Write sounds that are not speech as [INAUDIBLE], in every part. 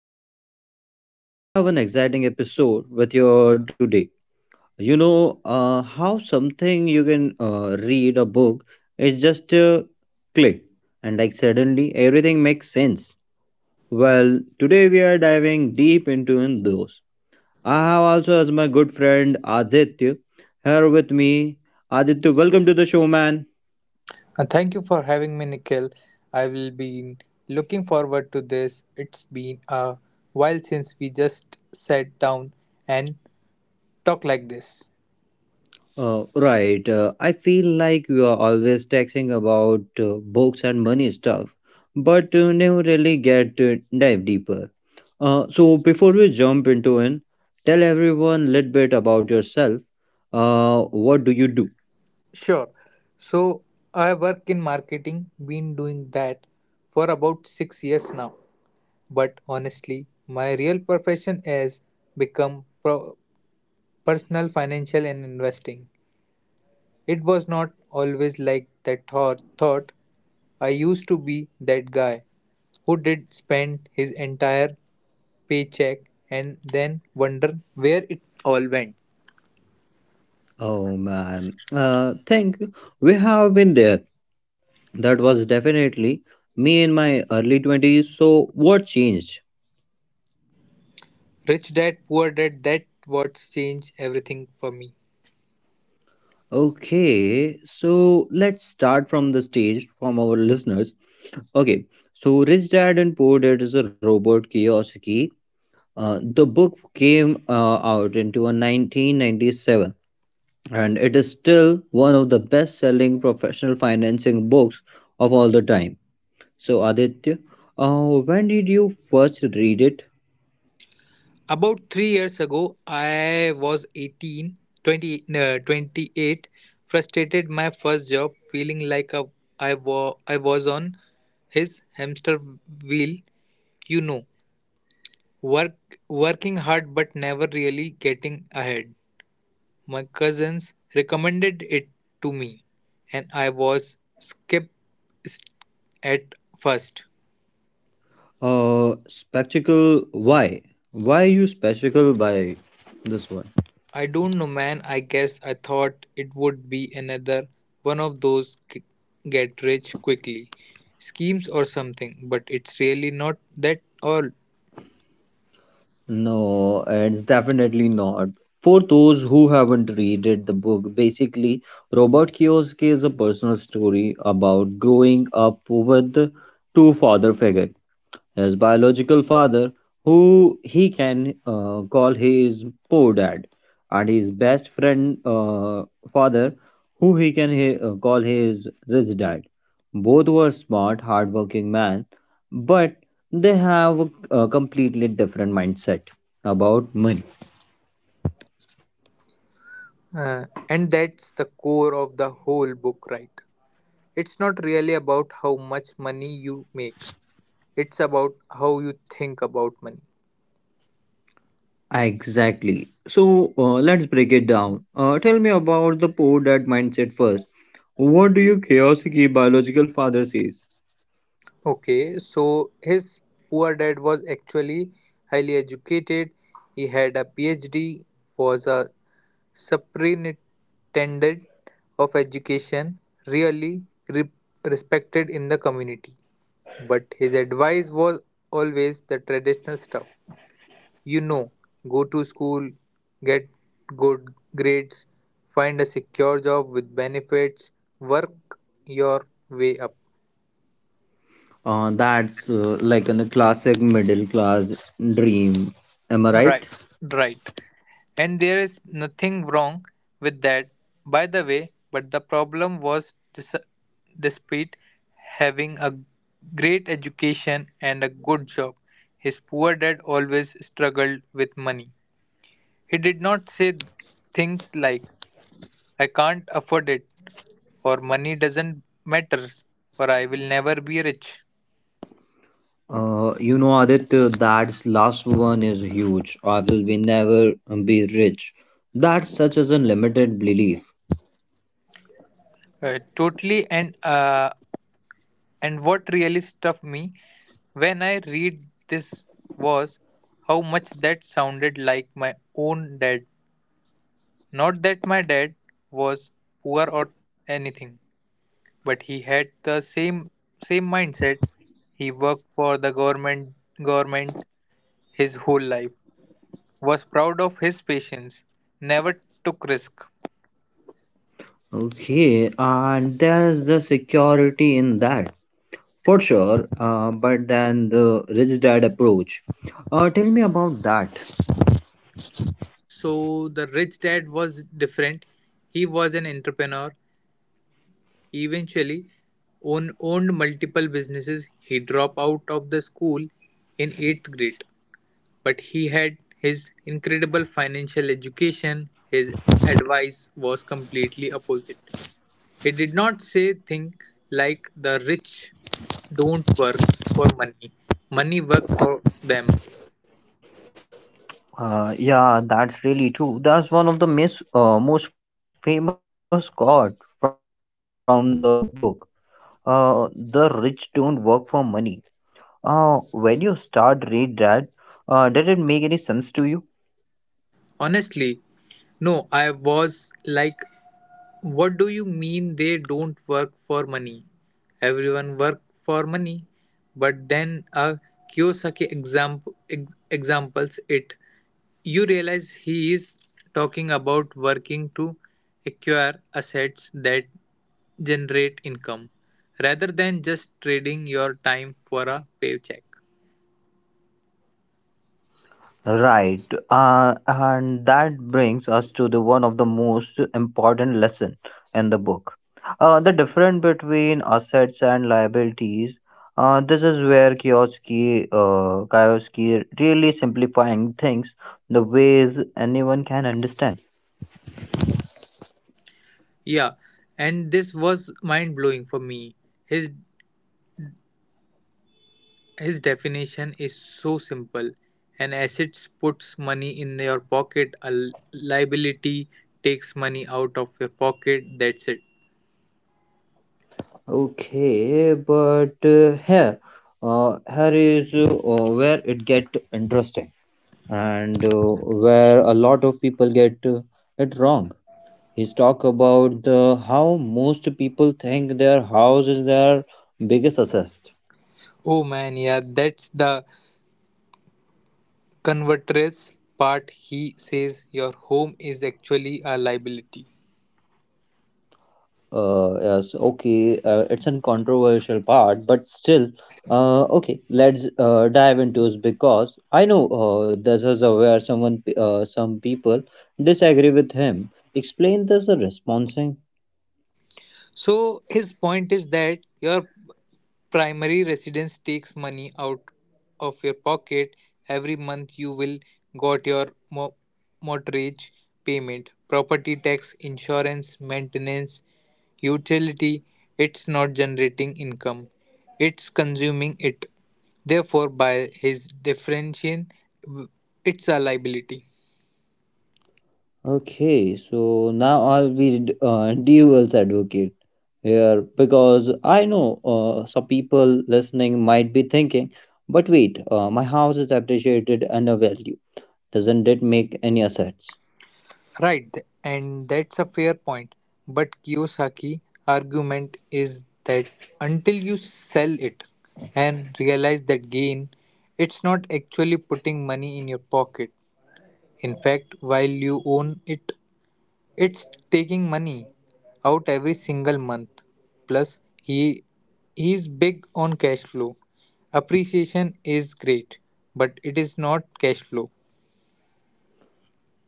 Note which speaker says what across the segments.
Speaker 1: and man, do I have an exciting episode with you today. You know how something you can read a book is just a click, and like suddenly everything makes sense. Well, today we are diving deep into in those. I have also as my good friend Aditya here with me. Aditya, welcome to the show, man.
Speaker 2: Thank you for having me, Nikhil. I will be looking forward to this. It's been a while since we just sat down and talk like this.
Speaker 1: Right. I feel like you are always texting about books and money stuff, but never really get to dive deeper. So before we jump into it, tell everyone a little bit about yourself. What do you do?
Speaker 2: Sure. So I work in marketing, been doing that for about 6 years now. But honestly, my real profession has become personal financial and investing. It was not always like that thought. Thought I used to be that guy who did spend his entire paycheck and then wonder where it all went.
Speaker 1: Oh man, thank you. We have been there. That was definitely me in my early 20s. So, what changed?
Speaker 2: Rich dad, poor dad, that what changed everything for me.
Speaker 1: Okay, so let's start from the stage from our listeners. Okay, so Rich Dad and Poor Dad is a Robert Kiyosaki. The book came out into a 1997, and it is still one of the best selling professional financing books of all the time. So, Aditya, when did you first read it?
Speaker 2: About 3 years ago, I was 18, 20, no, 28, frustrated my first job, feeling like I was on his hamster wheel, you know, work working hard but never really getting ahead. My cousins recommended it to me, and I was skeptical at first.
Speaker 1: Spectacle why? Why you Spectacle by this one?
Speaker 2: I don't know, man. I guess I thought it would be another one of those get rich quickly schemes or something, but it's really not that all.
Speaker 1: No, it's definitely not. For those who haven't read it, the book, basically, Robert Kiyosaki is a personal story about growing up with two father figures, his biological father, who he can call his poor dad, and his best friend father, who he can call his rich dad. Both were smart, hardworking men, but they have a, completely different mindset about money.
Speaker 2: And that's the core of the whole book, right? It's not really about how much money you make, it's about how you think about money.
Speaker 1: Exactly. So let's break it down. Tell me about the poor dad mindset first. What do you chaos ki biological father says?
Speaker 2: Okay, so his poor dad was actually highly educated. He had a PhD, was a superintendent of education, really re- respected in the community. But his advice was always the traditional stuff. You know, go to school, get good grades, find a secure job with benefits, work your way up.
Speaker 1: That's like a classic middle class dream. Am I
Speaker 2: Right,
Speaker 1: right?
Speaker 2: right. And there is nothing wrong with that, by the way, but the problem was despite having a great education and a good job, his poor dad always struggled with money. He did not say things like, I can't afford it, or money doesn't matter, or I will never be rich.
Speaker 1: You know, Aditya, that last one is huge. I will be never be rich. That's such as a limited belief.
Speaker 2: Totally, and what really stuck me when I read this was how much that sounded like my own dad. Not that my dad was poor or anything, but he had the same mindset. He worked for the government his whole life, was proud of his patience, never took risk.
Speaker 1: Okay, and there's the security in that for sure. But then the rich dad approach. Tell me about that.
Speaker 2: So the rich dad was different. He was an entrepreneur. Eventually, owned multiple businesses. He dropped out of the school in 8th grade, but he had his incredible financial education. His advice was completely opposite. He did not say things like the rich don't work for money, money work for them.
Speaker 1: Yeah, that's really true. That's one of the most famous quote from the book. The rich don't work for money. When you start read that, did it make any sense to you?
Speaker 2: Honestly, no, I was like, what do you mean they don't work for money? Everyone work for money. But then a Kiyosaki examples it. You realize he is talking about working to acquire assets that generate income rather than just trading your time for a paycheck.
Speaker 1: Right, and that brings us to the one of the most important lesson in the book, the difference between assets and liabilities. This is where Kiyosaki really simplifying things the ways anyone can understand.
Speaker 2: Yeah, and this was mind blowing for me. His His definition is so simple: an asset puts money in your pocket, a liability takes money out of your pocket. That's it.
Speaker 1: Okay, but here is where it get interesting, and where a lot of people get it wrong. He's talk about the how most people think their house is their biggest asset.
Speaker 2: Oh man, yeah, that's the converter's part. He says your home is actually a liability.
Speaker 1: Yes, okay, it's a controversial part, but still, okay, let's dive into it because I know this is where some people disagree with him. Explain this responsing.
Speaker 2: So his point is that your primary residence takes money out of your pocket every month. You will got your mortgage payment, property tax, insurance, maintenance, utility. It's not generating income; it's consuming it. Therefore, by his definition, w- it's a liability.
Speaker 1: Okay, so now I'll be [LAUGHS] duel's advocate. Here because I know some people listening might be thinking, but wait, my house is appreciated and a value. Doesn't it make any assets?
Speaker 2: Right, and that's a fair point. But Kiyosaki' argument is that until you sell it and realize that gain, it's not actually putting money in your pocket. In fact, while you own it, it's taking money out every single month. Plus, he's big on cash flow. Appreciation is great, but it is not cash flow.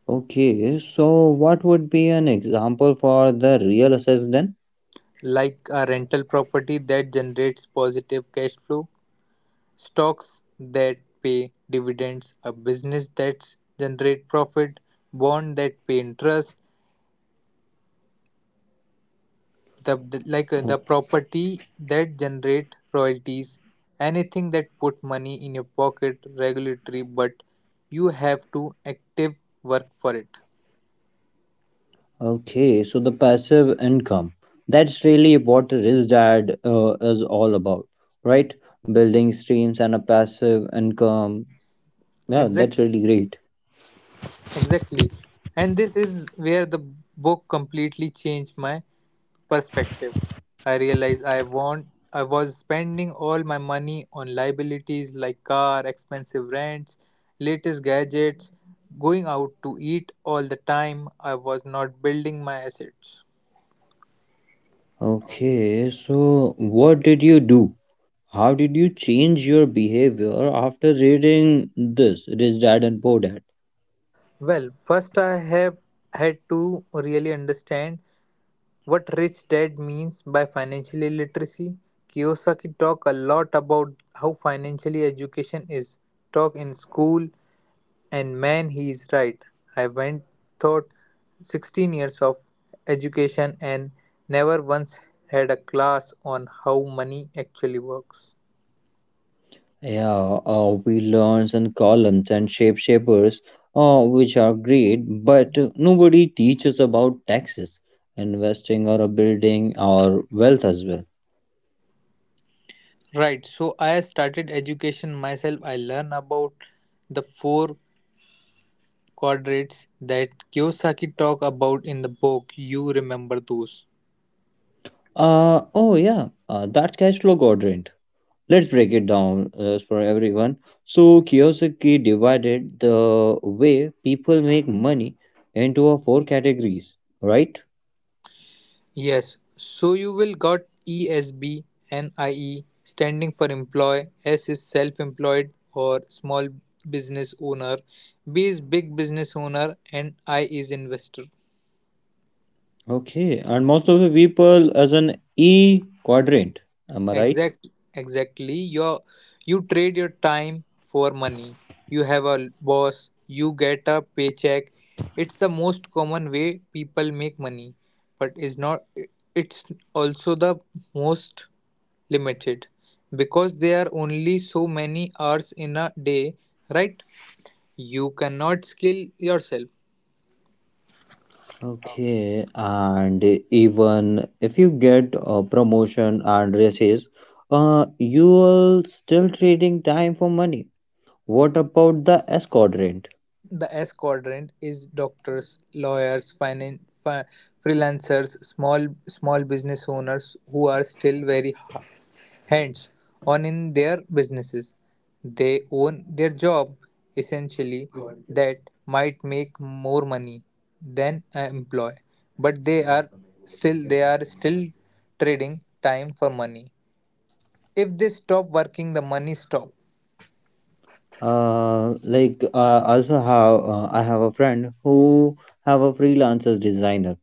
Speaker 1: Okay, so what would be an example for the real assets then?
Speaker 2: Like a rental property that generates positive cash flow, stocks that pay dividends, a business that generate profit, bond that pay interest, like the
Speaker 1: Okay,
Speaker 2: property that generate royalties, anything that put money in your pocket regulatory, but you have to active work for it.
Speaker 1: okay, so the passive income. That's really what Rich Dad is all about, right? Building streams and a passive income. Yeah, that's
Speaker 2: Exactly.
Speaker 1: really great.
Speaker 2: Exactly. And this is where the book completely changed my perspective. I realized I was spending all my money on liabilities like car, expensive rents, latest gadgets, going out to eat all the time. I was not building my assets.
Speaker 1: Okay, so what did you do? How did you change your behavior after reading this, Rich Dad and Poor Dad?
Speaker 2: Well, first I have had to really understand what Rich Dad means by financial literacy. Kiyosaki talk a lot about how financially education is taught in school, and man, he is right. I went thought 16 years of education and never once had a class on how money actually works.
Speaker 1: Yeah, we learn some columns and shapeshifters, which are great, but nobody teaches about taxes, investing, or a building, or wealth as well.
Speaker 2: Right, so I started education myself. I learned about the four quadrants that Kiyosaki talk about in the book. You remember those.
Speaker 1: Oh, yeah, that's cash flow quadrant. Let's break it down for everyone. So, Kiyosaki divided the way people make money into four categories, right?
Speaker 2: Yes, so you will got ESB and IE standing for employ. S is self-employed or small business owner. B is big business owner and I is investor.
Speaker 1: Okay, and most of the people as an E quadrant, am I right?
Speaker 2: Exact exactly. You trade your time for money. You have a boss, you get a paycheck. It's the most common way people make money, but is not it's also the most limited, because there are only so many hours in a day, right? You cannot skill yourself.
Speaker 1: Okay, and even if you get a promotion and raises, you are still trading time for money. What about the S quadrant?
Speaker 2: The S quadrant is doctors, lawyers, finance, freelancers, small business owners who are still very Hence, on in their businesses, they own their job essentially, that might make more money than an employee, but they are still trading time for money. If they stop working, the money stop.
Speaker 1: Like also have I have a friend who have a freelancer designer,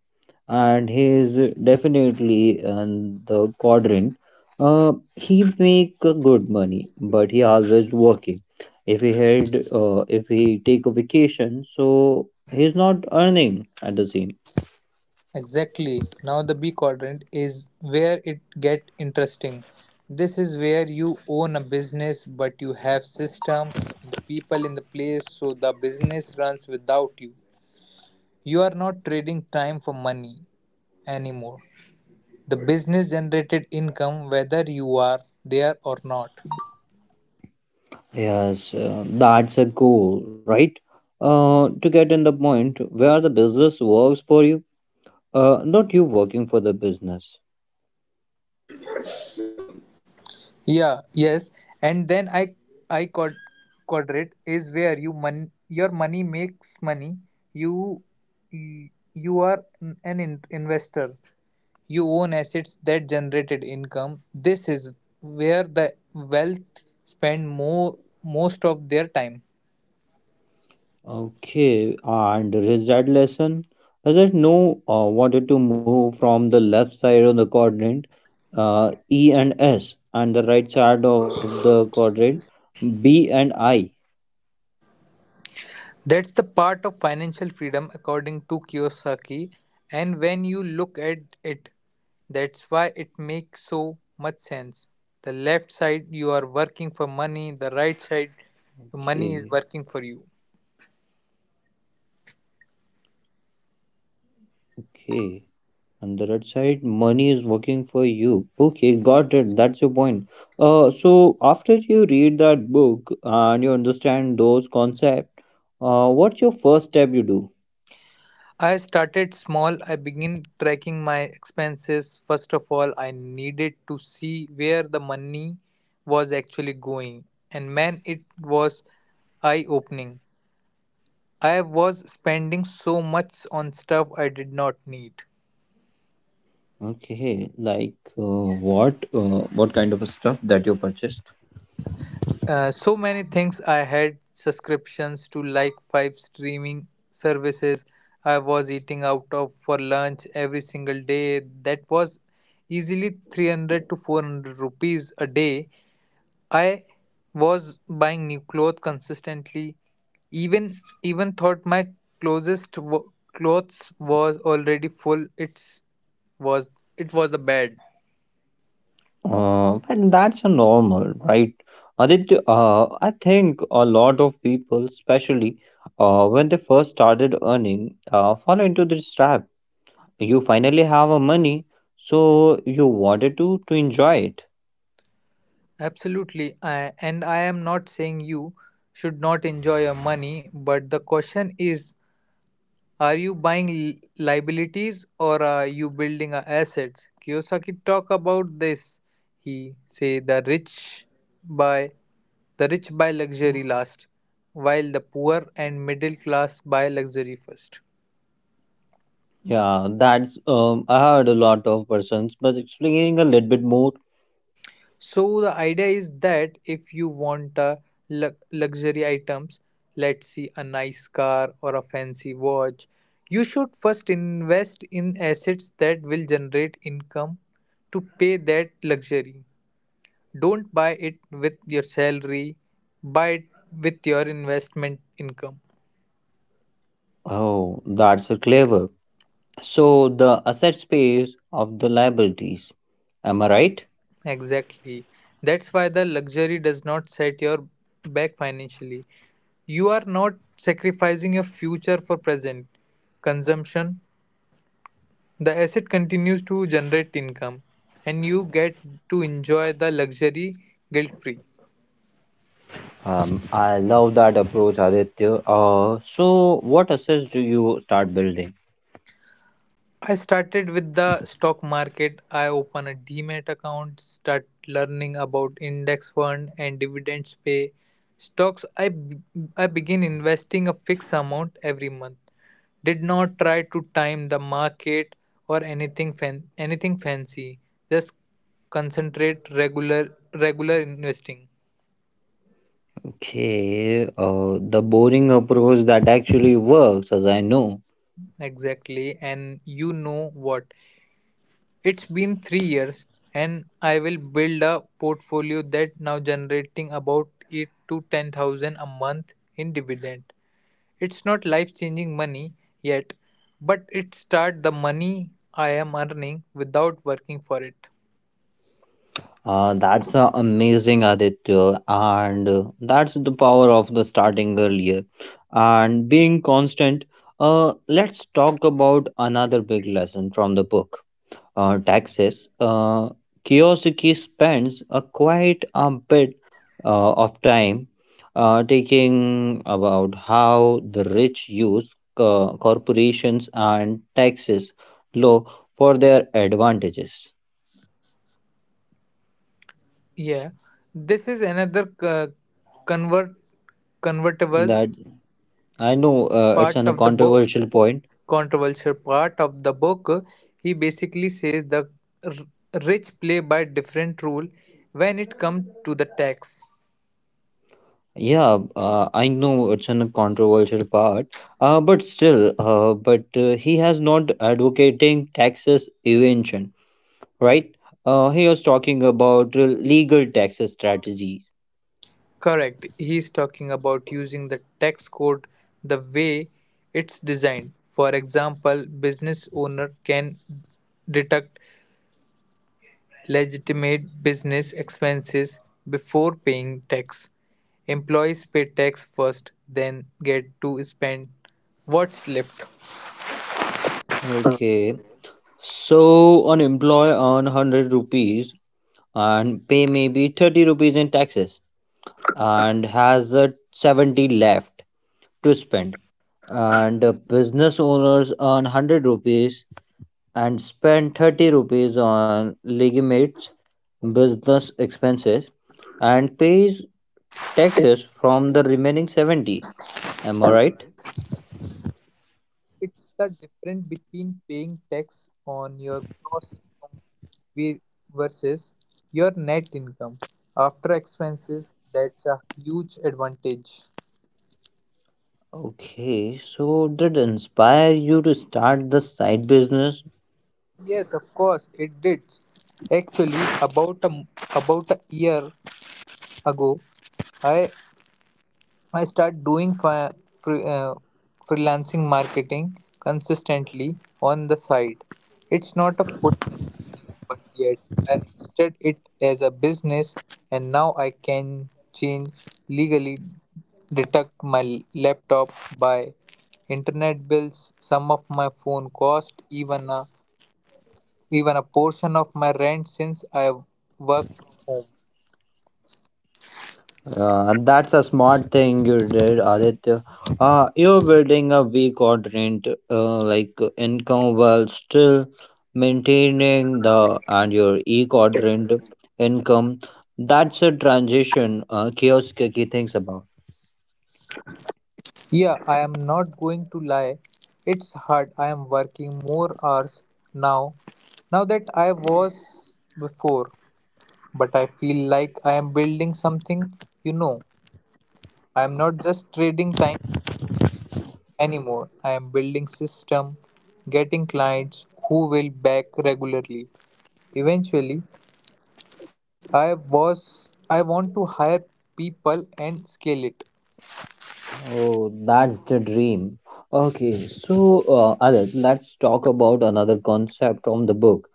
Speaker 1: and he is definitely in the quadrant. He make a good money, but he always working. If he had, if he take a vacation, so he's not earning at the same.
Speaker 2: Exactly. Now the B quadrant is where it get interesting. This is where you own a business but you have system, the people in the place so the business runs without you. You are not trading time for money anymore. The business generated income whether you are there or not.
Speaker 1: Yes, that's a goal, right? To get in the point where the business works for you, not you working for the business.
Speaker 2: Yeah, yes. And then I quadrate is where your money makes money. You you are an investor. You own assets that generated income. This is where the wealth spend more most of their time.
Speaker 1: Okay, and result lesson. Hazrat no wanted to move from the left side of the quadrant, E and S, and the right side of the quadrant, B and I.
Speaker 2: That's the part of financial freedom, according to Kiyosaki. And when you look at it, that's why it makes so much sense. The left side, you are working for money, the right side,
Speaker 1: Okay,
Speaker 2: money is working for you.
Speaker 1: okay. On the right side, money is working for you. Okay, got it. That's your point. So after you read that book and you understand those concepts, what's your first step you do?
Speaker 2: I started small. I began tracking my expenses. First of all, I needed to see where the money was actually going. And man, it was eye opening. I was spending so much on stuff I did not need.
Speaker 1: Okay, like what? What kind of stuff that you purchased?
Speaker 2: So many things. I had subscriptions to like five streaming services. I was eating out of for lunch every single day. That was easily 300 to 400 rupees a day. I was buying new clothes consistently. Even even thought my closest clothes was already full. Was it was the bad.
Speaker 1: But that's a normal, right? Aditya, I think a lot of people, especially when they first started earning, fall into this trap. You finally have a money, so you wanted to enjoy it.
Speaker 2: Absolutely. And I am not saying you should not enjoy your money, but the question is, are you buying liabilities or are you building a assets? Kiyosaki talk about this. He say buy the rich buy luxury last, while the poor and middle class buy luxury first.
Speaker 1: Yeah, that's I heard a lot of persons, but explaining a little bit more.
Speaker 2: So the idea is that if you want luxury items, let's see a nice car or a fancy watch, you should first invest in assets that will generate income to pay that luxury. Don't buy it with your salary, buy it with your investment income.
Speaker 1: Oh, that's a clever. So the asset space of the liabilities. Am I right?
Speaker 2: Exactly. That's why the luxury does not set your back financially. You are not sacrificing your future for present consumption. The asset continues to generate income and you get to enjoy the luxury guilt free.
Speaker 1: I love that approach, Aditya. So what assets do you start building?
Speaker 2: I started with the stock market. I opened a Demat account, start learning about index fund and dividends pay stocks. I begin investing a fixed amount every month. Did not try to time the market or anything fancy. Just concentrate regular investing.
Speaker 1: Okay, the boring approach that actually works, as I know.
Speaker 2: Exactly, and you know what? It's been 3 years and I will build a portfolio that now generating about eight to ten thousand a month in dividend. It's not life changing money yet, but it start the money I am earning without working for it.
Speaker 1: That's amazing, Aditya, and that's the power of the starting earlier and being constant. Let's talk about another big lesson from the book, taxes. Kiyosaki spends a quite a bit of time taking about how the rich use corporations and taxes law for their advantages.
Speaker 2: Yeah, this is another convert convertible
Speaker 1: That I know it's
Speaker 2: part
Speaker 1: an, a
Speaker 2: of the book.
Speaker 1: controversial point.
Speaker 2: Controversial part of the book. He basically says the r- rich play by different rule when it comes to the tax.
Speaker 1: Yeah, I know it's an, a controversial part, but still, but he has not advocating taxes evasion, right? He was talking about legal tax strategies.
Speaker 2: Correct. He's talking about using the tax code the way it's designed. For example, business owner can deduct legitimate business expenses before paying tax. Employees pay tax first, then get to spend what's left.
Speaker 1: Okay, so an employee earn 100 rupees and pay maybe 30 rupees in taxes and has 70 left to spend, and business owners earn 100 rupees and spend 30 rupees on legitimate business expenses and pays taxes from the remaining 70. Am I right?
Speaker 2: It's the difference between paying tax on your gross income vi- versus your net income after expenses. That's a huge advantage.
Speaker 1: Okay, so did inspire you to start the side business?
Speaker 2: Yes, of course, it did. Actually, about about a year ago, I I start doing fre- uh, freelancing marketing consistently on the side. It's not a full time but yet I listed it as a business and now I can change legally deduct my laptop by internet bills, some of my phone cost, even a portion of my rent since I work from home.
Speaker 1: That's a smart thing you did, Aditya. You're building a weak rent, income while still maintaining the and your e quadrant income. That's a transition. Kiosk ki thinks about.
Speaker 2: Yeah, I am not going to lie. It's hard. I am working more hours now, now that I was before. But I feel like I am building something. You know, I am not just trading time anymore. I am building system, getting clients who will back regularly. Eventually, I want to hire people and scale it.
Speaker 1: Oh, that's the dream. Okay, so Adit, let's talk about another concept from the book,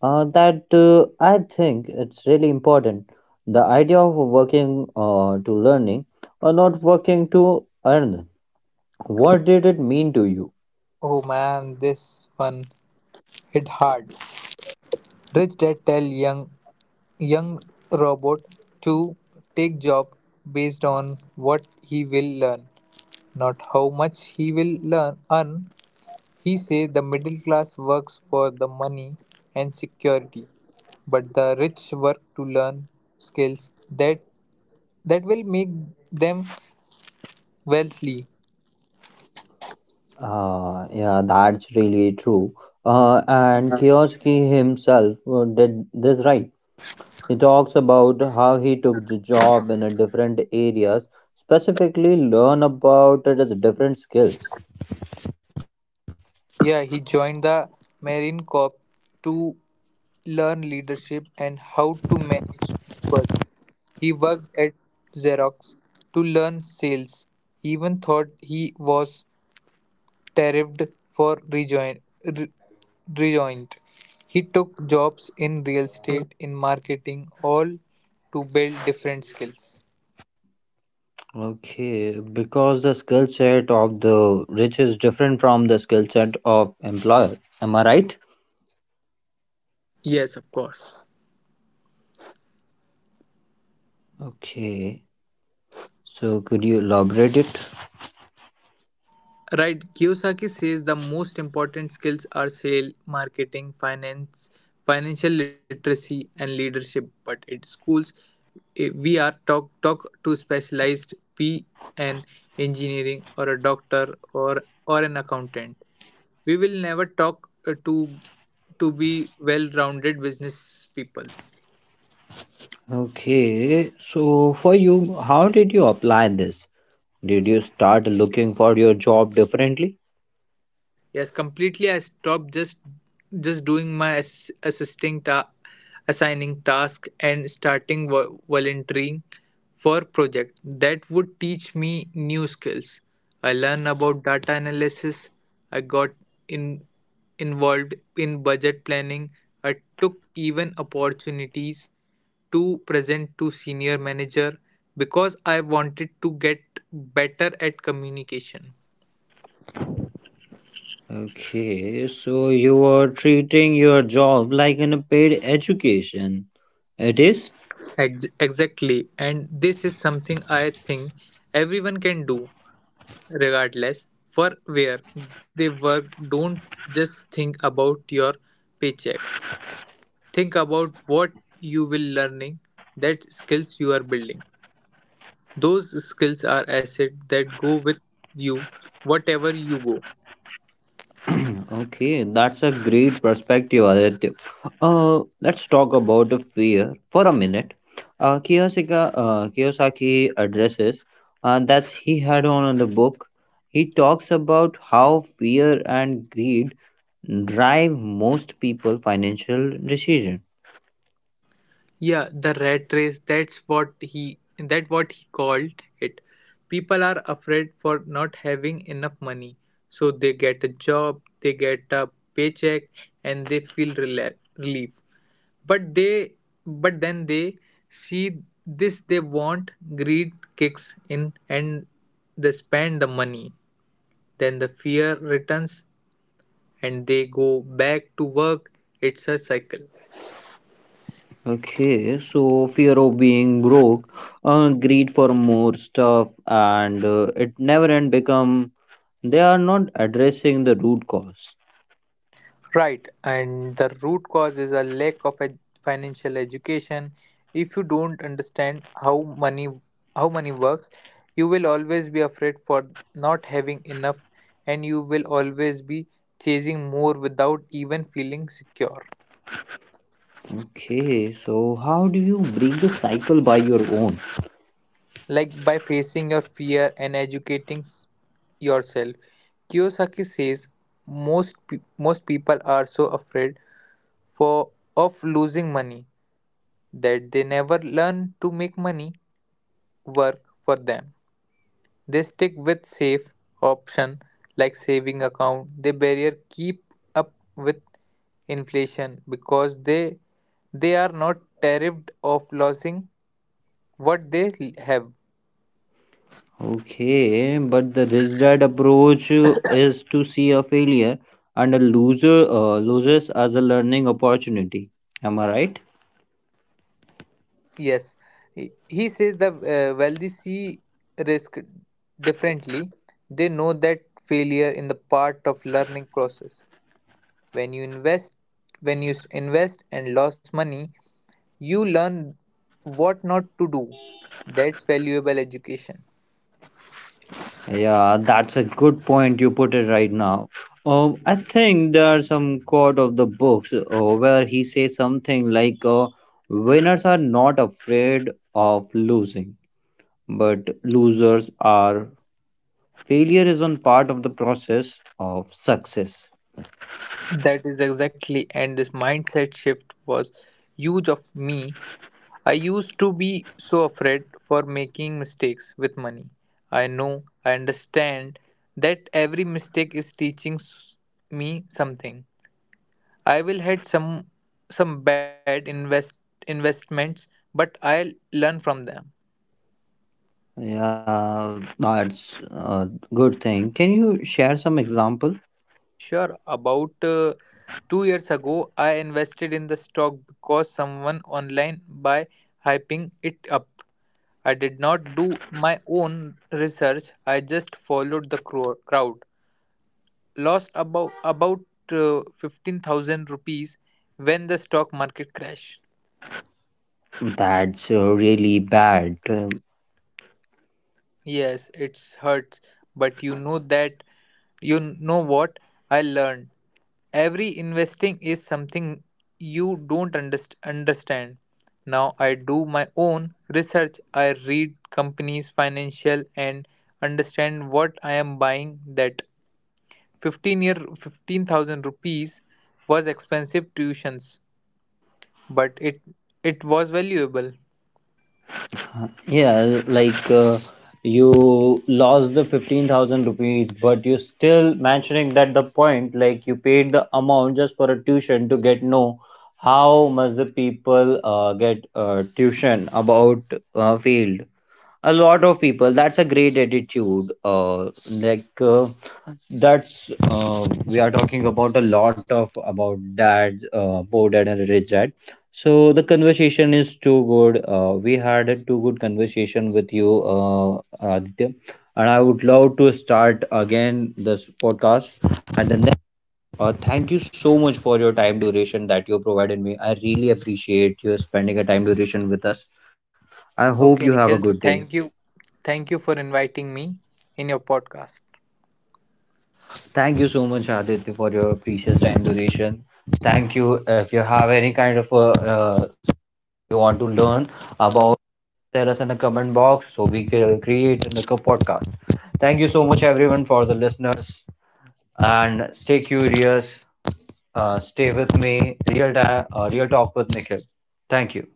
Speaker 1: that I think it's really important. The idea of working to learning, or not working to earn. What did it mean to you?
Speaker 2: Oh man, this one hit hard. Rich dad tell young Young robot to take job based on what he will learn, not how much he will learn earn. He say the middle class works for the money and security, but the rich work to learn skills that will make them wealthy.
Speaker 1: Yeah, that's really true. And Kiyoski himself did this right. He talks about how he took the job in a different areas, specifically learn about it as different skills.
Speaker 2: Yeah, he joined the Marine Corps to learn leadership and how to manage people. He worked at Xerox to learn sales, even though he was tariffed for rejoint. He took jobs in real estate, in marketing, all to build different skills.
Speaker 1: Okay, because the skill set of the rich is different from the skill set of employer. Am I right?
Speaker 2: Yes, of course.
Speaker 1: Okay. So could you elaborate it?
Speaker 2: Right, Kiyosaki says the most important skills are sale, marketing, finance, financial literacy, and leadership. But at schools, we are taught to specialized be an engineering or a doctor or an accountant. We will never talk to be well-rounded business peoples.
Speaker 1: Okay. So for you, how did you apply this? Did you start looking for your job differently?
Speaker 2: Yes, completely. I stopped just doing my assisting assigning task and starting volunteering for project that would teach me new skills. I learned about data analysis. I got in involved in budget planning. I took even opportunities to present to senior manager because I wanted to get better at communication.
Speaker 1: Okay, so you are treating your job like an paid education. It is?
Speaker 2: Exactly. And this is something I think everyone can do, regardless for where they work. Don't just think about your paycheck. Think about what you will learning, that skills you are building. Those skills are asset that go with you whatever you go.
Speaker 1: [CLEARS THROAT] Okay, that's a great perspective, Aditya. Let's talk about the fear for a minute. Kiyosaki addresses that he had on in the book. He talks about how fear and greed drive most people financial decision.
Speaker 2: Yeah, the rat race, that's what he that what he called it. People are afraid for not having enough money. So they get a job, they get a paycheck and they feel relief. But they but then they see this they want greed kicks in and they spend the money. Then the fear returns and they go back to work. It's a cycle.
Speaker 1: Okay, so fear of being broke, greed for more stuff, and it never end become. They are not addressing the root cause.
Speaker 2: Right, and the root cause is a lack of financial education. If you don't understand how money works, you will always be afraid for not having enough and you will always be chasing more without even feeling secure.
Speaker 1: Okay, so how do you break the cycle by your own?
Speaker 2: Like by facing your fear and educating yourself. Kiyosaki says most people are so afraid for of losing money that they never learn to make money work for them. They stick with safe option like saving account. They barrier keep up with inflation because they are not terrified of losing what they have.
Speaker 1: Okay, but the rigid approach is to see a failure and a loser loses as a learning opportunity. Am I right?
Speaker 2: Yes, he says the wealthy see risk differently. They know that failure in the part of learning process. When you invest when you invest and lose money you learn what not to do. That's valuable education.
Speaker 1: Yeah, that's a good point you put it right now. I think there are some quote of the books where he says something like, "Winners are not afraid of losing, but losers are." Failure is on part of the process of success.
Speaker 2: That is exactly, and this mindset shift was huge of me. I used to be so afraid for making mistakes with money. i know I understand that every mistake is teaching me something. I will had some some bad investments, but I'll learn from them.
Speaker 1: Yeah, that's a good thing. Can you share some example?
Speaker 2: Sure. About 2 years ago, I invested in the stock because someone online by hyping it up. I did not do my own research. I just followed the crowd. Lost about 15,000 rupees when the stock market crashed.
Speaker 1: That's really bad.
Speaker 2: Yes, it hurts, but you know what I learned. Every investing is something you don't understand. Now I do my own research. I read companies' financial and understand what I am buying. That 15 year 15,000 rupees was expensive tuitions, but it was valuable.
Speaker 1: Um, yeah like uh, you lost the 15,000 rupees, but you still mentioning that the point, like you paid the amount just for a tuition to get no how much the people get tuition about field. A lot of people, that's a great attitude like that's We are talking about a lot of about dad, boarded and rich dad. So the conversation is too good, we had a too good conversation with you, Aditya, and I would love to start again this podcast, and then thank you so much for your time duration that you provided me. I really appreciate you spending a time duration with us. I hope
Speaker 2: Okay,
Speaker 1: you have a
Speaker 2: Nikhil. So
Speaker 1: good day.
Speaker 2: thank you for inviting me in your podcast.
Speaker 1: Thank you so much, Aditya, for your precious time duration. Thank you. If you have any kind of uh, you want to learn about, tell us in the comment box so we can create in the podcast. Thank you so much, everyone, for the listeners, and stay curious. Stay with me. Real talk with Nikhil. Thank you.